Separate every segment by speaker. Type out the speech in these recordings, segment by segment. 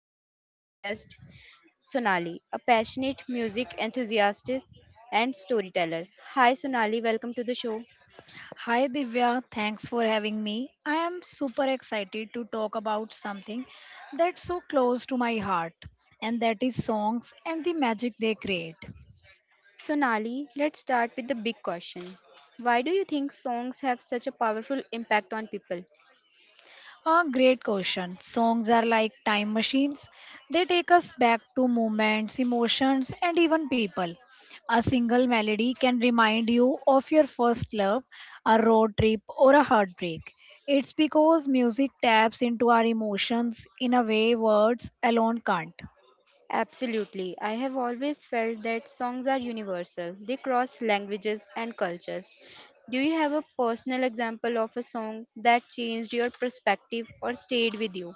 Speaker 1: a very special guest, Sonali, a passionate music enthusiast and storyteller. Hi Sonali, welcome to the show.
Speaker 2: Hi Divya, thanks for having me. I am super excited to talk about something that's so close to my heart, and that is songs and the magic they create.
Speaker 1: Sonali, let's start with the big question. Why do you think songs have such a powerful impact on people?
Speaker 2: A great question. Songs are like time machines, they take us back to moments, emotions, and even people. A single melody can remind you of your first love, a road trip, or a heartbreak. It's because music taps into our emotions in a way words alone can't.
Speaker 1: Absolutely. I have always felt that songs are universal. They cross languages and cultures. Do you have a personal example of a song that changed your perspective or stayed with you?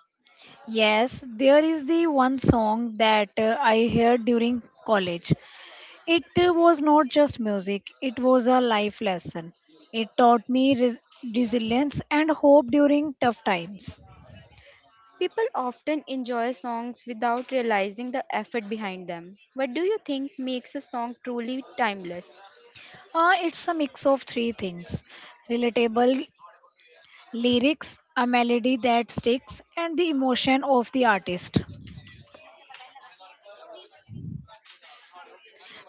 Speaker 2: Yes, there is the one song that I heard during college. It was not just music, it was a life lesson. It taught me resilience and hope during tough times.
Speaker 1: People often enjoy songs without realizing the effort behind them. What do you think makes a song truly timeless?
Speaker 2: It's a mix of three things: relatable lyrics, a melody that sticks, and the emotion of the artist.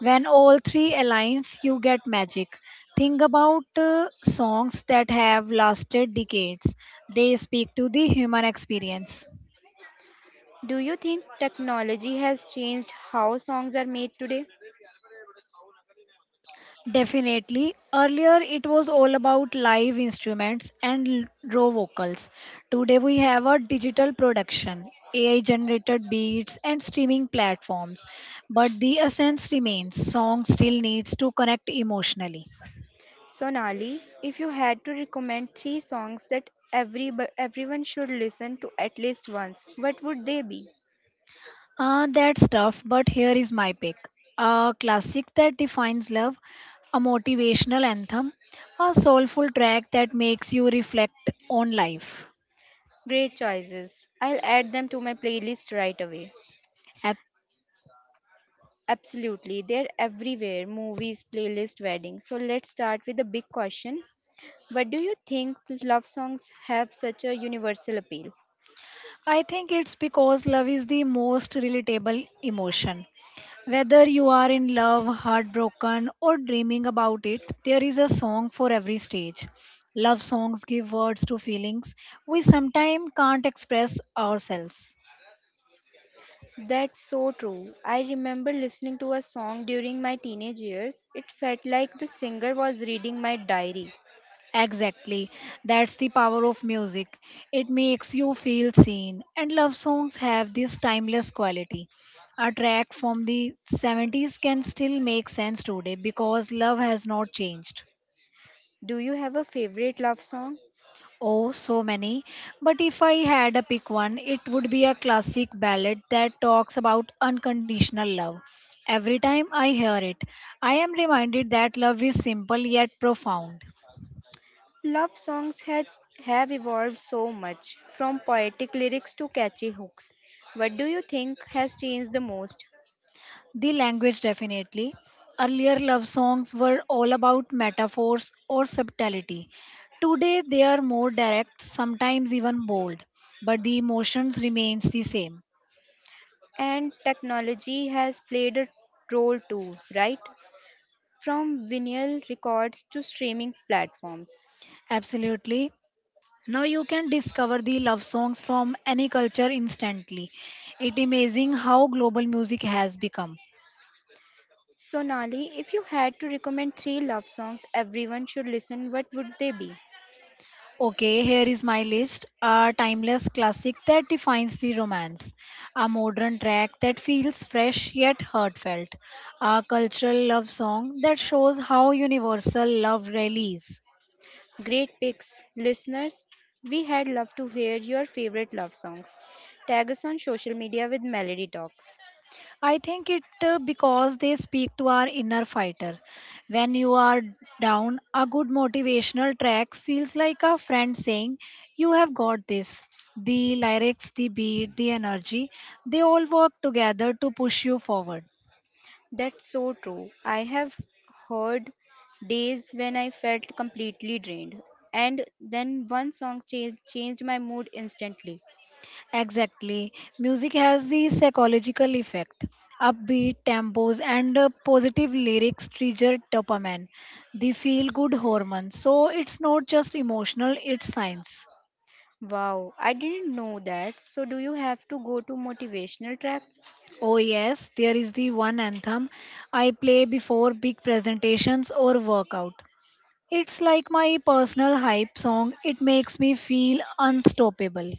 Speaker 2: When all three aligns you get magic. Think about songs that have lasted decades, they speak to the human experience.
Speaker 1: Do you think technology has changed how songs are made today?
Speaker 2: Definitely, earlier it was all about live instruments and raw vocals. Today we have a digital production, ai generated beats and streaming platforms, but the essence remains: song still needs to connect emotionally.
Speaker 1: Sonali, if you had to recommend three songs that everyone should listen to at least once, what would they be?
Speaker 2: That's tough, but here is my pick. A classic that defines love, a motivational anthem, a soulful track that makes you reflect on life.
Speaker 1: Great choices. I'll add them to my playlist right away.
Speaker 2: Ac-
Speaker 1: Absolutely, they're everywhere movies, playlist, weddings. So let's start with the big question. What do you think love songs have such a universal appeal?
Speaker 2: I think it's because love is the most relatable emotion. Whether you are in love, heartbroken, or dreaming about it, there is a song for every stage. Love songs give words to feelings we sometimes can't express ourselves.
Speaker 1: That's so true. I remember listening to a song during my teenage years. It felt like the singer was reading my diary.
Speaker 2: Exactly. That's the power of music. It makes you feel seen. And love songs have this timeless quality. A track from the 70s can still make sense today because love has not changed.
Speaker 1: Do you have a favorite love song?
Speaker 2: Oh, so many. But if I had a pick one, it would be a classic ballad that talks about unconditional love. Every time I hear it, I am reminded that love is simple yet profound.
Speaker 1: Love songs had, have evolved so much, from poetic lyrics to catchy hooks. What do you think has changed the most?
Speaker 2: The language definitely. Earlier love songs were all about metaphors or subtlety. Today they are more direct, sometimes even bold, but the emotions remains the same.
Speaker 1: And technology has played a role too, right? From vinyl records to streaming platforms.
Speaker 2: Absolutely. Now you can discover the love songs from any culture instantly. It amazing how global music has become.
Speaker 1: Sonali, if you had to recommend three love songs everyone should listen, what would they be?
Speaker 2: Okay, here is my list. A timeless classic that defines the romance. A modern track that feels fresh yet heartfelt. A cultural love song that shows how universal love really is.
Speaker 1: Great picks, listeners. We had loved to hear your favorite love songs. Tag us on social media with Melody Talks.
Speaker 2: I think it because they speak to our inner fighter. When you are down, a good motivational track feels like a friend saying, you have got this. The lyrics, the beat, the energy, they all work together to push you forward.
Speaker 1: That's so true. I have heard days when I felt completely drained, and then one song changed my mood instantly.
Speaker 2: Exactly. Music has the psychological effect. Upbeat tempos and positive lyrics trigger dopamine, the feel good hormone. So it's not just emotional, it's science.
Speaker 1: Wow, I didn't know that. So, do you have to go to motivational track?
Speaker 2: Oh, yes, there is the one anthem I play before big presentations or workout. It's like my personal hype song, it makes me feel unstoppable.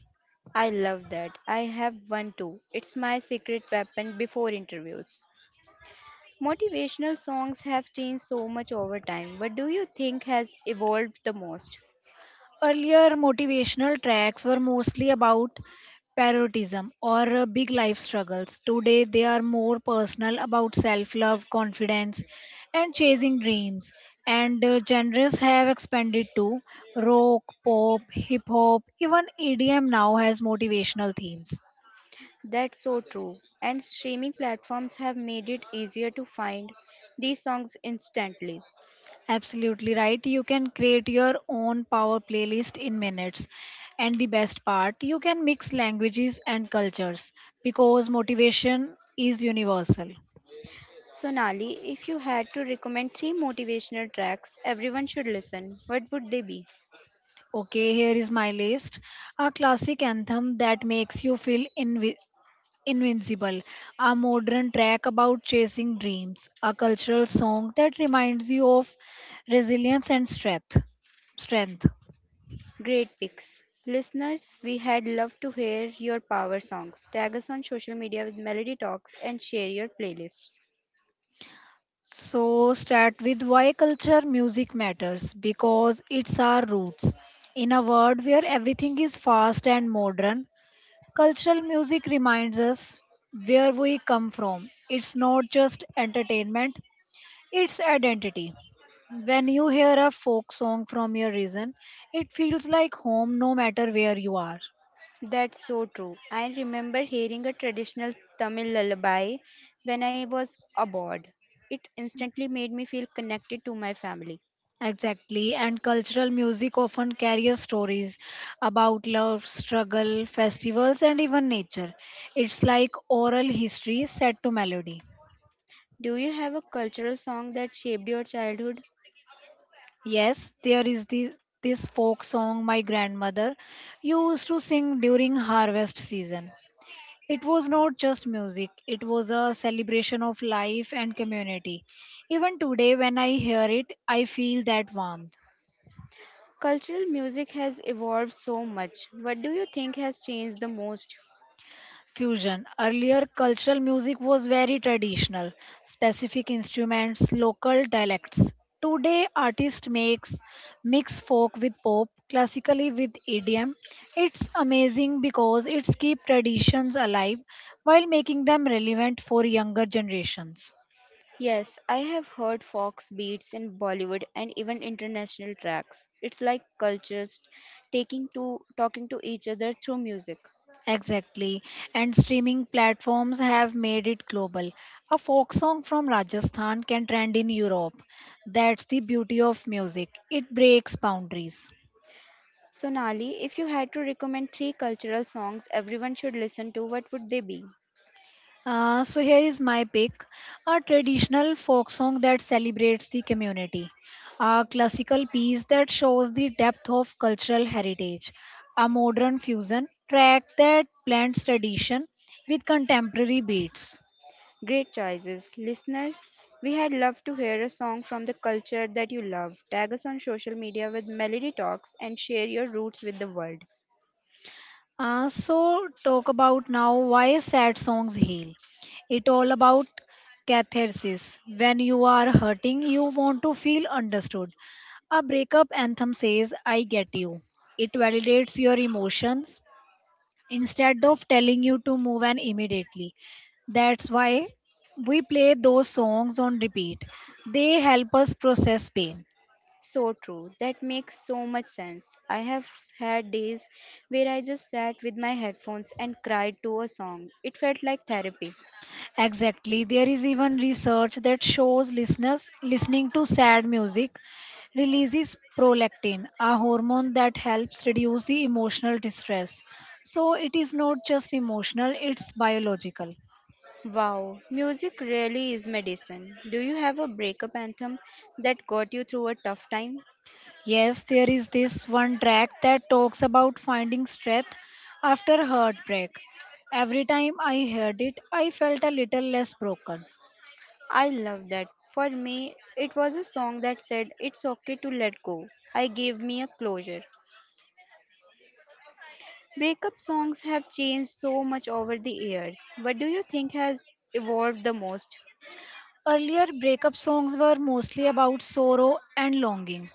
Speaker 1: I love that. I have one too. It's my secret weapon before interviews. Motivational songs have changed so much over time. What do you think has evolved the most?
Speaker 2: Earlier motivational tracks were mostly about patriotism or big life struggles. Today they are more personal about self love, confidence, and chasing dreams. And genres have expanded to rock, pop, hip hop, even EDM now has motivational themes.
Speaker 1: That's so true. And streaming platforms have made it easier to find these songs instantly.
Speaker 2: Absolutely right. You can create your own power playlist in minutes. And the best part, you can mix languages and cultures because motivation is universal.
Speaker 1: Sonali, if you had to recommend three motivational tracks everyone should listen, what would they be?
Speaker 2: Okay, here is my list. A classic anthem that makes you feel invincible. A modern track about chasing dreams. A cultural song that reminds you of resilience and strength. Strength.
Speaker 1: Great picks. Listeners, we had loved to hear your power songs. Tag us on social media with Melody Talks and share your playlists.
Speaker 2: So, start with why culture music matters because it's our roots. In a world where everything is fast and modern, cultural music reminds us where we come from. It's not just entertainment, it's identity. When you hear a folk song from your region, it feels like home no matter where you are.
Speaker 1: That's so true. I remember hearing a traditional Tamil lullaby when I was abroad. It instantly made me feel connected to my family.
Speaker 2: Exactly, and cultural music often carries stories about love, struggle, festivals, and even nature. It's like oral history set to melody.
Speaker 1: Do you have a cultural song that shaped your childhood?
Speaker 2: Yes, this folk song my grandmother used to sing during harvest season. It was not just music, it was a celebration of life and community. Even today, when I hear it, I feel that warmth.
Speaker 1: Cultural music has evolved so much. What do you think has changed the most?
Speaker 2: Fusion. Earlier, cultural music was very traditional, specific instruments, local dialects. Today, artist makes mix folk with pop, classically with EDM. It's amazing because it's keep traditions alive while making them relevant for younger generations.
Speaker 1: Yes, I have heard Fox beats in Bollywood and even international tracks. It's like cultures taking to talking to each other through music.
Speaker 2: Exactly. And streaming platforms have made it global. A folk song from Rajasthan can trend in Europe. That's the beauty of music. It breaks boundaries.
Speaker 1: Sonali, if you had to recommend three cultural songs everyone should listen to, what would they be?
Speaker 2: So here is my pick, a traditional folk song that celebrates the community, a classical piece that shows the depth of cultural heritage, a modern fusion track that blends tradition with contemporary beats.
Speaker 1: Great choices. Listener, we had loved to hear a song from the culture that you love. Tag us on social media with Melody Talks and share your roots with the world.
Speaker 2: So talk about now why sad songs heal. It all about catharsis. When you are hurting, you want to feel understood. A breakup anthem says, "I get you." It validates your emotions instead of telling you to move on immediately. That's why we play those songs on repeat. They help us process pain.
Speaker 1: So true. That makes so much sense. I have had days where I just sat with my headphones and cried to a song. It felt like therapy.
Speaker 2: Exactly. There is even research that shows listeners listening to sad music releases prolactin, a hormone that helps reduce the emotional distress. So it is not just emotional, it's biological.
Speaker 1: Wow, music really is medicine. Do you have a breakup anthem that got you through a tough time?
Speaker 2: Yes, there is this one track that talks about finding strength after heartbreak. Every time I heard it, I felt a little less broken.
Speaker 1: I love that. For me, it was a song that said, "It's okay to let go." I gave me a closure. Breakup songs have changed so much over the years. What do you think has evolved the most?
Speaker 2: Earlier, breakup songs were mostly about sorrow and longing.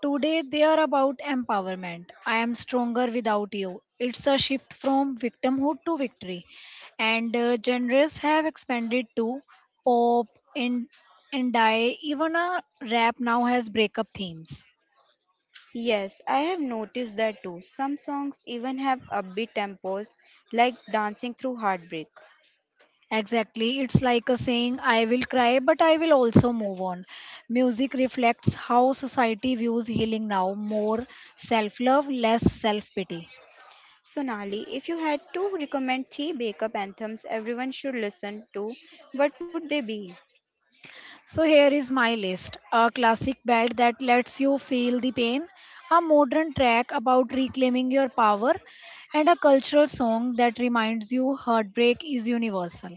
Speaker 2: Today, they are about empowerment. I am stronger without you. It's a shift from victimhood to victory. And genres have expanded to pop, in, indie, even a rap now has breakup themes.
Speaker 1: Yes, I have noticed that too. Some songs even have upbeat tempos, like Dancing Through Heartbreak.
Speaker 2: Exactly. It's like a saying, I will cry, but I will also move on. Music reflects how society views healing now, more self love, less self pity.
Speaker 1: Sonali, if you had to recommend three breakup anthems everyone should listen to, what would they be?
Speaker 2: So here is my list. A classic bed that lets you feel the pain, a modern track about reclaiming your power, and a cultural song that reminds you heartbreak is universal.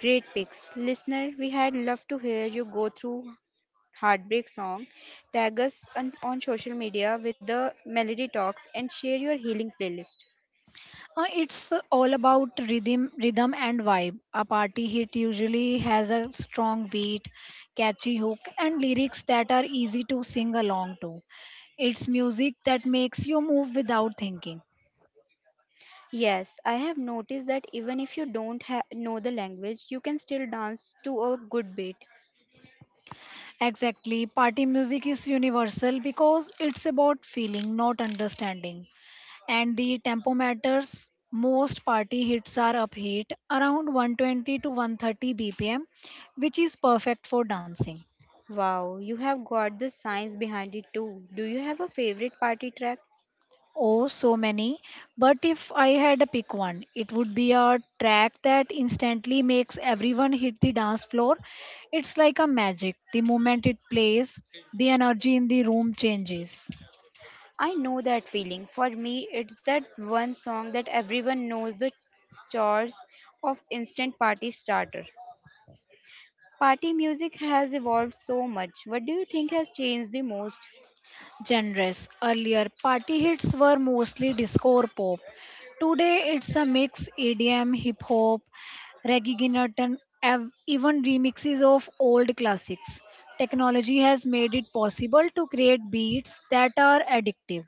Speaker 1: Great picks. Listener, we had loved to hear you go through heartbreak song. Tag us on social media with the Melody Talks and share your healing playlist.
Speaker 2: It's all about rhythm and vibe. A party hit usually has a strong beat, catchy hook, and lyrics that are easy to sing along to. It's music that makes you move without thinking.
Speaker 1: Yes, I have noticed that even if you don't know the language, you can still dance to a good beat.
Speaker 2: Exactly. Party music is universal because it's about feeling, not understanding. And the tempo matters. Most party hits are upbeat, around 120 to 130 BPM, which is perfect for dancing.
Speaker 1: Wow, you have got the science behind it too. Do you have a favorite party track?
Speaker 2: Oh, so many. But if I had to pick one, it would be a track that instantly makes everyone hit the dance floor. It's like a magic. The moment it plays, the energy in the room changes.
Speaker 1: I know that feeling. For me, it's that one song that everyone knows the chores of instant party starter. Party music has evolved so much. What do you think has changed the most?
Speaker 2: Genres. Earlier, party hits were mostly disco or pop. Today, it's a mix: EDM, hip hop, reggaeton, and even remixes of old classics. Technology has made it possible to create beats that are addictive.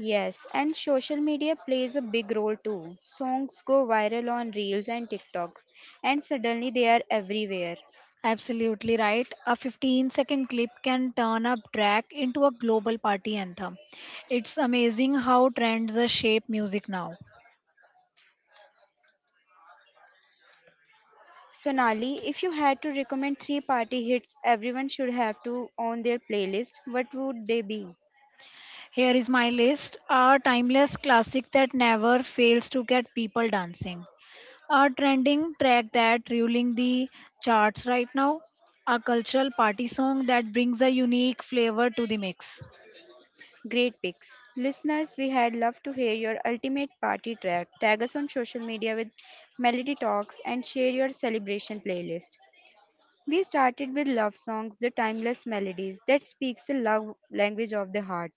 Speaker 1: Yes, and social media plays a big role too. Songs go viral on Reels and TikToks, and suddenly they are everywhere.
Speaker 2: Absolutely right. A 15-second clip can turn a track into a global party anthem. It's amazing how trends shape music now.
Speaker 1: Sonali, if you had to recommend three party hits everyone should have to on their playlist, what would they be?
Speaker 2: Here is my list. A timeless classic that never fails to get people dancing. A trending track that ruling the charts right now. A cultural party song that brings a unique flavor to the mix.
Speaker 1: Great picks. Listeners, we had loved to hear your ultimate party track. Tag us on social media with Melody Talks and share your celebration playlist. We started with love songs, the timeless melodies that speaks the love language of the heart.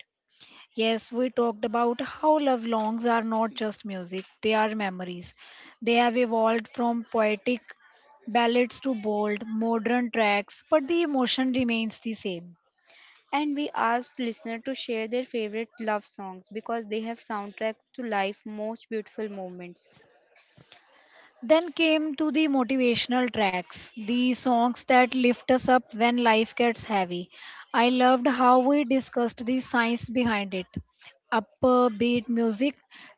Speaker 2: Yes, we talked about how love songs are not just music, they are memories. They have evolved from poetic ballads to bold, modern tracks, but the emotion remains the same.
Speaker 1: And we asked listeners to share their favorite love songs because they have soundtracks to life most beautiful moments.
Speaker 2: Then came to the motivational tracks, the songs that lift us up when life gets heavy. I loved how we discussed the science behind it. Upbeat music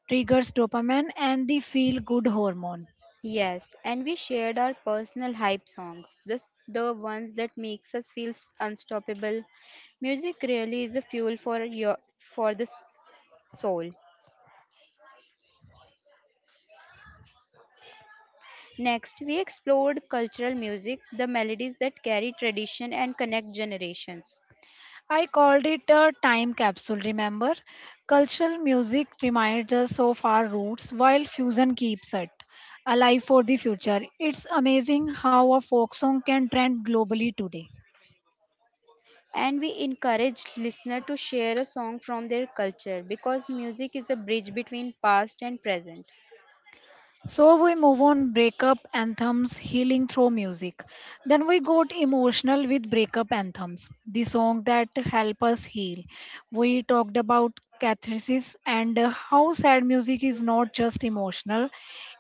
Speaker 2: triggers dopamine and the feel good hormone.
Speaker 1: Yes, and we shared our personal hype songs, the ones that makes us feel unstoppable. Music really is the fuel for your for the soul. Next, we explored cultural music, the melodies that carry tradition and connect generations.
Speaker 2: I called it a time capsule, remember? Cultural music reminds us of our roots while fusion keeps it alive for the future. It's amazing how a folk song can trend globally today.
Speaker 1: And we encouraged listener to share a song from their culture because music is a bridge between past and present.
Speaker 2: So we move on breakup anthems healing through music. Then we got emotional with breakup anthems, the song that help us heal. We talked about catharsis and how sad music is not just emotional,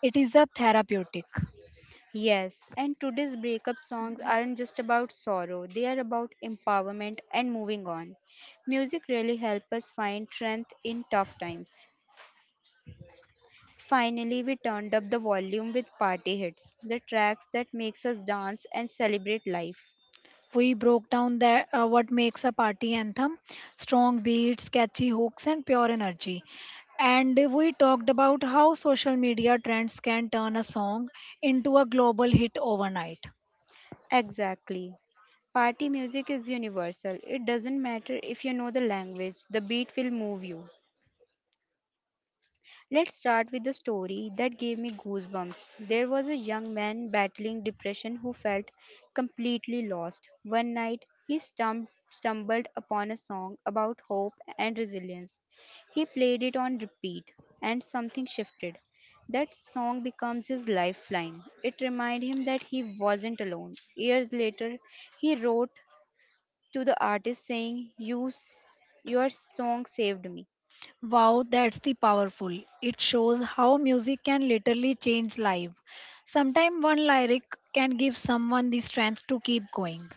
Speaker 2: it is a therapeutic.
Speaker 1: Yes, and today's breakup songs aren't just about sorrow, they are about empowerment and moving on. Music really helps us find strength in tough times. Finally, we turned up the volume with party hits, the tracks that makes us dance and celebrate life.
Speaker 2: We broke down that what makes a party anthem, strong beats, catchy hooks and pure energy. And we talked about how social media trends can turn a song into a global hit overnight.
Speaker 1: Exactly. Party music is universal. It doesn't matter if you know the language, the beat will move you. Let's start with the story that gave me goosebumps. There was a young man battling depression who felt completely lost. One night, he stumbled upon a song about hope and resilience. He played it on repeat, and something shifted. That song becomes his lifeline. It reminded him that he wasn't alone. Years later, he wrote to the artist saying, "Your song saved me."
Speaker 2: Wow, that's the powerful. It shows how music can literally change life. Sometimes one lyric can give someone the strength to keep going.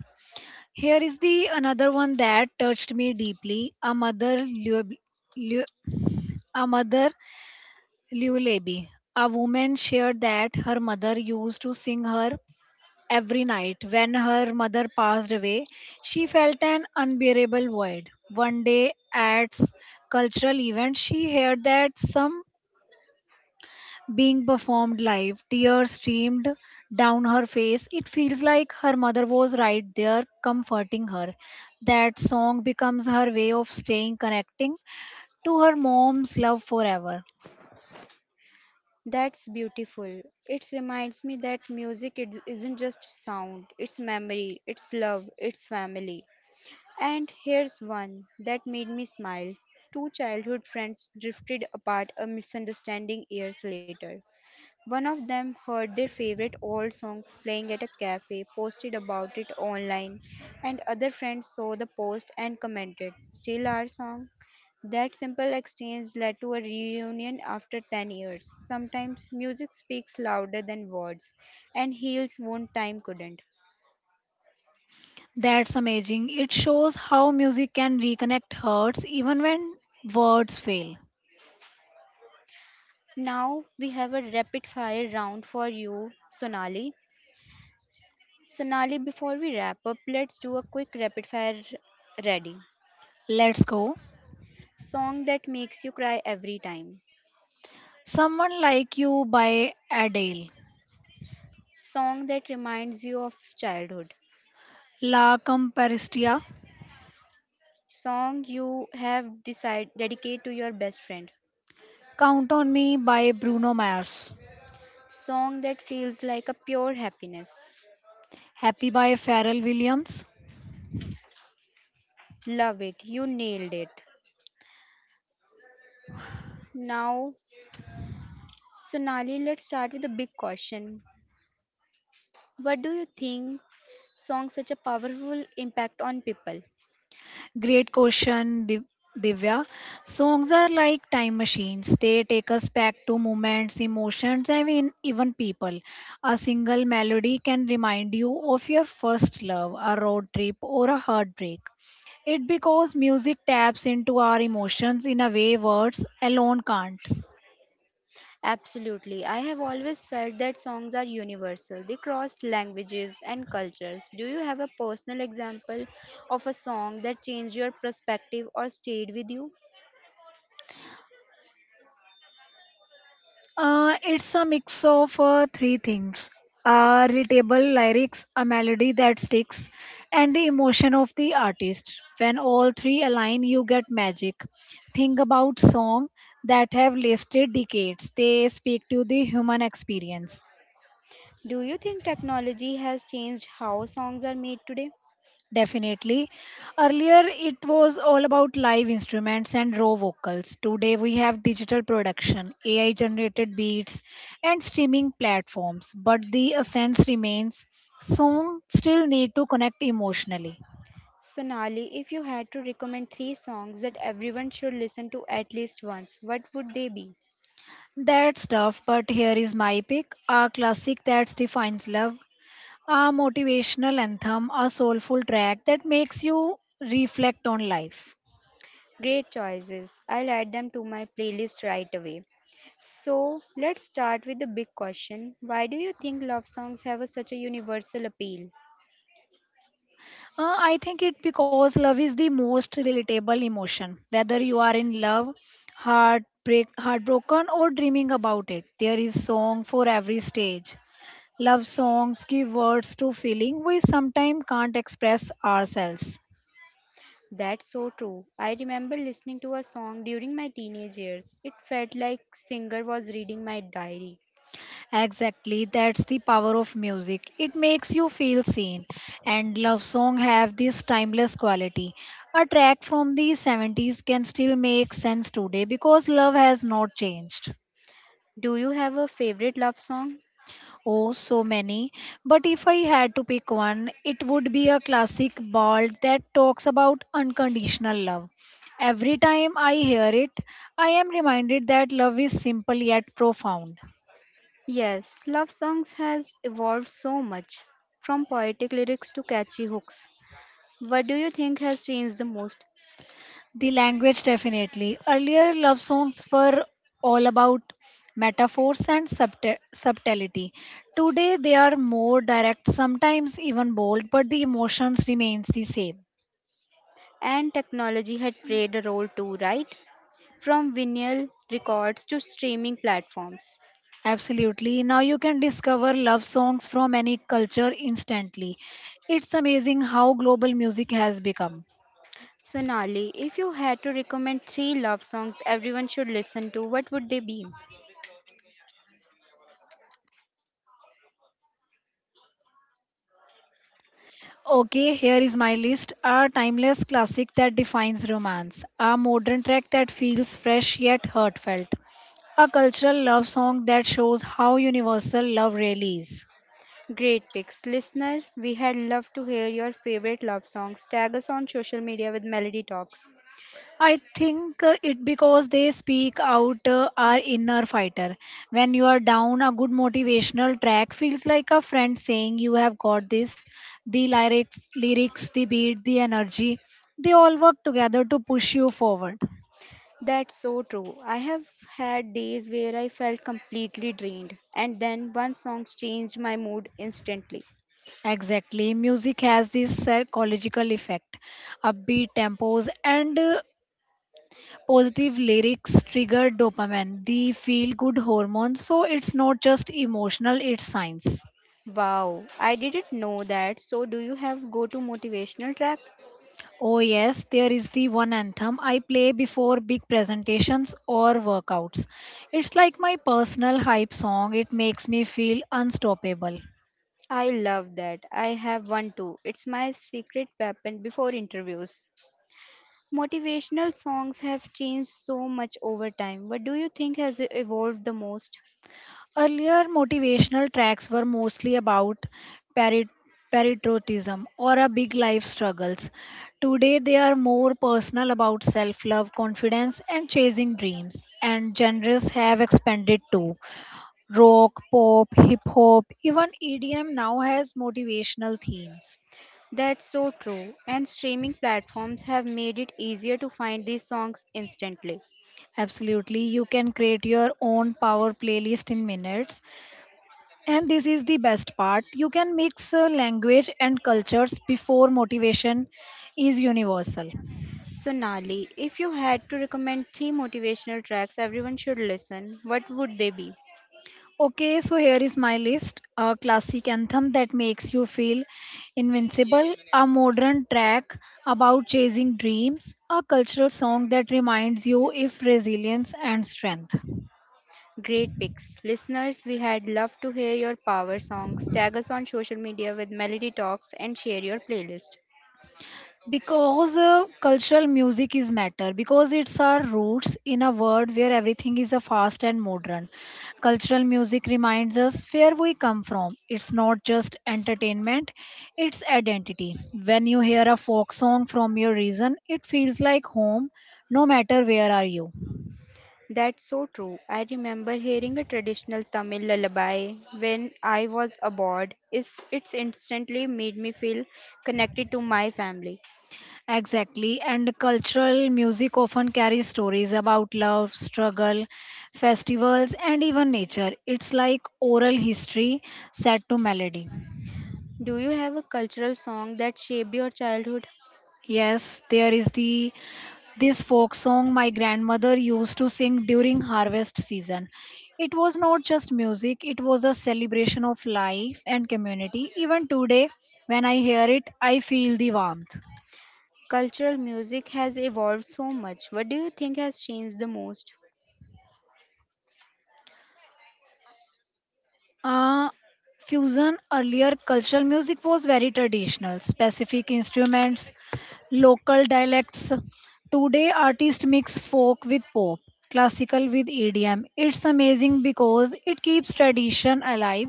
Speaker 2: Here is the another one that touched me deeply. A mother lu- a mother lullaby. A woman shared that her mother used to sing her every night. When her mother passed away, she felt an unbearable void. One day at cultural event, she heard that some being performed live. Tears streamed down her face. It feels like her mother was right there comforting her. That song becomes her way of staying connecting to her mom's love forever.
Speaker 1: That's beautiful. It reminds me that isn't just sound, it's memory, it's love, it's family. And here's one that made me smile. Two childhood friends drifted apart a misunderstanding years later. One of them heard their favorite old song playing at a cafe, posted about it online, and other friends saw the post and commented, "Still our song?" That simple exchange led to a reunion after 10 years. Sometimes music speaks louder than words and heals wound time couldn't.
Speaker 2: That's amazing. It shows how music can reconnect hearts even when words fail.
Speaker 1: Now we have a rapid fire round for you, Sonali. Sonali, before we wrap up, let's do a quick rapid fire ready.
Speaker 2: Let's go.
Speaker 1: Song that makes you cry every time.
Speaker 2: Someone Like You by Adele,
Speaker 1: Song that reminds you of childhood.
Speaker 2: La Comparstia,
Speaker 1: Song you have decided dedicate to your best friend.
Speaker 2: Count on Me by Bruno Mars,
Speaker 1: Song that feels like a pure happiness.
Speaker 2: Happy by Pharrell Williams,
Speaker 1: Love it. You nailed it. Now, Sonali, let's start with a big question. What do you think songs such a powerful impact on people?
Speaker 2: great question Divya. Songs are like time machines. They take us back to moments, emotions, and mean, even people. A single melody can remind you of your first love, a road trip, or a heartbreak. It because music taps into our emotions in a way words alone can't.
Speaker 1: Absolutely. I have always felt that songs are universal. They cross languages and cultures. Do you have a personal example of a song that changed your perspective or stayed with you?
Speaker 2: It's a mix of three things readable lyrics, a melody that sticks, and the emotion of the artist. When all three align, you get magic. Think about songs that have lasted decades, they speak to the human experience.
Speaker 1: Do you think technology has changed how songs are made today?
Speaker 2: Definitely. Earlier, it was all about live instruments and raw vocals. Today, we have digital production, AI generated beats, and streaming platforms. But the essence remains songs still need to connect emotionally.
Speaker 1: Sonali, if you had to recommend three songs that everyone should listen to at least once, what would they be?
Speaker 2: That's tough, but here is my pick a classic that defines love, a motivational anthem, a soulful track that makes you reflect on life.
Speaker 1: Great choices. I'll add them to my playlist right away. So let's start with the big question. Why do you think love songs such a universal appeal?
Speaker 2: I think it because love is the most relatable emotion. Whether you are in love, heartbreak, heartbroken, or dreaming about it, there is song for every stage. Love songs give words to feeling we sometimes can't express ourselves.
Speaker 1: That's so true. I remember listening to a song during my teenage years. It felt like singer was reading my diary.
Speaker 2: Exactly, that's the power of music. It makes you feel seen, and love song have this timeless quality. A track from the 70s can still make sense today because love has not changed.
Speaker 1: Do you have a favorite love song?
Speaker 2: Oh, so many. But if I had to pick one, it would be a classic ballad that talks about unconditional love. Every time I hear it, I am reminded that love is simple yet profound.
Speaker 1: Yes, love songs has evolved so much from poetic lyrics to catchy hooks. What do you think has changed the most?
Speaker 2: The language definitely. Earlier love songs were all about metaphors and subtlety. Today they are more direct, sometimes even bold, but the emotions remains the same.
Speaker 1: And technology had played a role too, right? From vinyl records to streaming platforms.
Speaker 2: Absolutely. Now you can discover love songs from any culture instantly. It's amazing how global music has become.
Speaker 1: Sonali, if you had to recommend three love songs everyone should listen to, what would they be?
Speaker 2: Okay, here is my list. A timeless classic that defines romance. A modern track that feels fresh yet heartfelt. A cultural love song that shows how universal love really is.
Speaker 1: Great picks. Listener, we had loved to hear your favorite love songs. Tag us on social media with Melody Talks.
Speaker 2: I think it because they speak out our inner fighter. When you are down, a good motivational track feels like a friend saying, "You have got this." The lyrics, the beat, the energy, they all work together to push you forward.
Speaker 1: That's so true. I have had days where I felt completely drained, and then one song changed my mood instantly.
Speaker 2: Exactly, music has this psychological effect. Upbeat tempos and positive lyrics trigger dopamine, the feel-good hormone. So it's not just emotional; it's science.
Speaker 1: Wow, I didn't know that. So, do you have go to motivational track?
Speaker 2: Oh, yes, there is the one anthem I play before big presentations or workouts. It's like my personal hype song, it makes me feel unstoppable.
Speaker 1: I love that. I have one too. It's my secret weapon before interviews. Motivational songs have changed so much over time. What do you think has evolved the most?
Speaker 2: Earlier, motivational tracks were mostly about parit- patriotism or a big life struggles. Today, they are more personal about self love, confidence, and chasing dreams. And genres have expanded too. Rock, pop, hip hop, even EDM now has motivational themes.
Speaker 1: That's so true. And streaming platforms have made it easier to find these songs instantly.
Speaker 2: Absolutely. You can create your own power playlist in minutes. And this is the best part. You can mix language and cultures before motivation is universal.
Speaker 1: So, Nali, if you had to recommend three motivational tracks everyone should listen, what would they be?
Speaker 2: Okay, so here is my list a classic anthem that makes you feel invincible, a modern track about chasing dreams, a cultural song that reminds you of resilience and strength.
Speaker 1: Great picks. Listeners, we had loved to hear your power songs. Tag us on social media with Melody Talks and share your playlist.
Speaker 2: Because cultural music is matter because it's our roots. In a world where everything is a fast and modern, cultural music reminds us where we come from. It's not just entertainment, it's identity. When you hear a folk song from your region it feels like home, no matter where are you.
Speaker 1: That's so true. I remember hearing a traditional Tamil lullaby when I was abroad. It's instantly made me feel connected to my family.
Speaker 2: Exactly, and cultural music often carries stories about love, struggle, festivals, and even nature. It's like oral history set to melody.
Speaker 1: Do you have a cultural song that shaped your childhood?
Speaker 2: Yes, there is the this folk song my grandmother used to sing during harvest season. It was not just music, it was a celebration of life and community. Even today, when I hear it, I feel the warmth.
Speaker 1: Cultural music has evolved so much. What do you think has changed the most?
Speaker 2: Uh, fusion. Earlier cultural music was very traditional, specific instruments, local dialects. Today, artists mix folk with pop, classical with EDM. It's amazing because it keeps tradition alive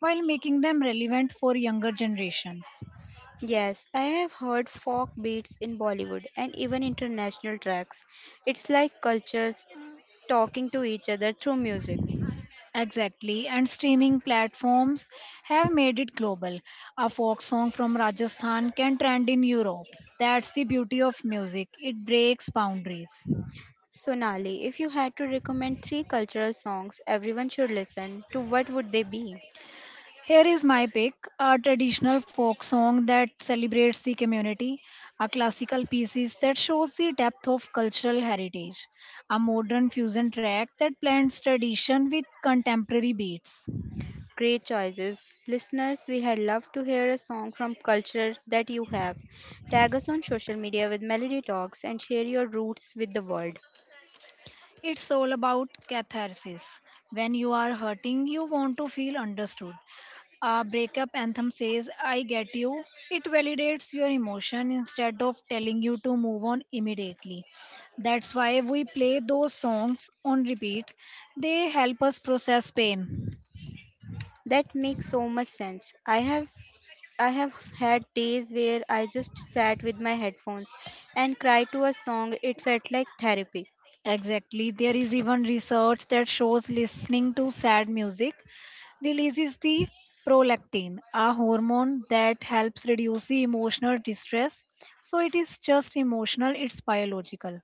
Speaker 2: while making them relevant for younger generations.
Speaker 1: Yes, I have heard folk beats in Bollywood and even international tracks. It's like cultures talking to each other through music.
Speaker 2: Exactly, and streaming platforms have made it global. A folk song from Rajasthan can trend in Europe. That's the beauty of music, it breaks boundaries.
Speaker 1: Sonali, if you had to recommend three cultural songs everyone should listen to, what would they be?
Speaker 2: Here is my pick a traditional folk song that celebrates the community, a classical piece that shows the depth of cultural heritage, a modern fusion track that blends tradition with contemporary beats.
Speaker 1: Great choices. Listeners, we had loved to hear a song from culture that you have. Tag us on social media with Melody Talks and share your roots with the world.
Speaker 2: It's all about catharsis. When you are hurting, you want to feel understood. A breakup anthem says, I get you. It validates your emotion instead of telling you to move on immediately. That's why we play those songs on repeat. They help us process pain.
Speaker 1: That makes so much sense. I have had days where I just sat with my headphones and cried to a song. It felt like therapy.
Speaker 2: Exactly. There is even research that shows listening to sad music releases the prolactin, a hormone that helps reduce the emotional distress. So it is just emotional, it's biological.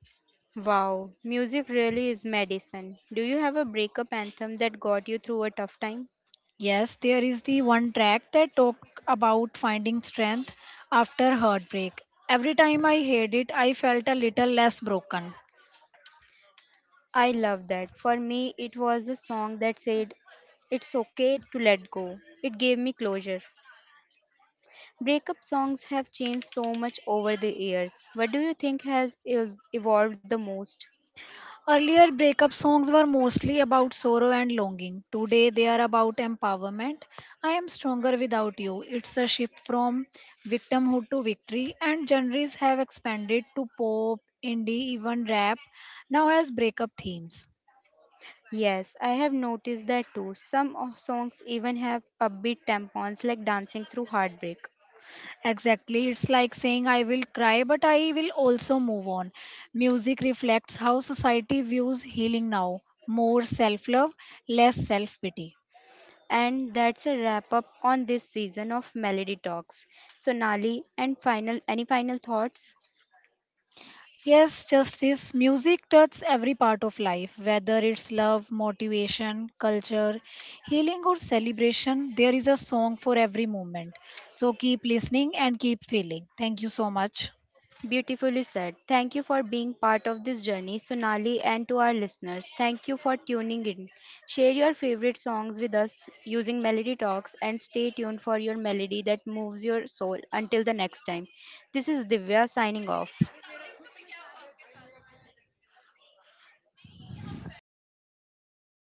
Speaker 1: Wow, music really is medicine. Do you have a breakup anthem that got you through a tough time?
Speaker 2: Yes, there is the one track that talk about finding strength after heartbreak. Every time I heard it, I felt a little less broken.
Speaker 1: I love that. For me, it was the song that said, "It's okay to let go." It gave me closure. Breakup songs have changed so much over the years. What do you think has evolved the most?
Speaker 2: Earlier breakup songs were mostly about sorrow and longing. Today they are about empowerment. I am stronger without you. It's a shift from victimhood to victory, and genres have expanded to pop, indie, even rap now has breakup themes.
Speaker 1: Yes, I have noticed that too. Some of songs even have upbeat tampons like Dancing Through Heartbreak.
Speaker 2: Exactly. It's like saying, I will cry, but I will also move on. Music reflects how society views healing now, more self love, less self pity.
Speaker 1: And that's a wrap up on this season of Melody Talks. Sonali, and final any final thoughts?
Speaker 2: Yes, just this music touches every part of life, whether it's love, motivation, culture, healing, or celebration. There is a song for every moment. So keep listening and keep feeling. Thank you so much.
Speaker 1: Beautifully said. Thank you for being part of this journey, Sonali, and to our listeners. Thank you for tuning in. Share your favorite songs with us using Melody Talks and stay tuned for your melody that moves your soul. Until the next time, this is Divya signing off.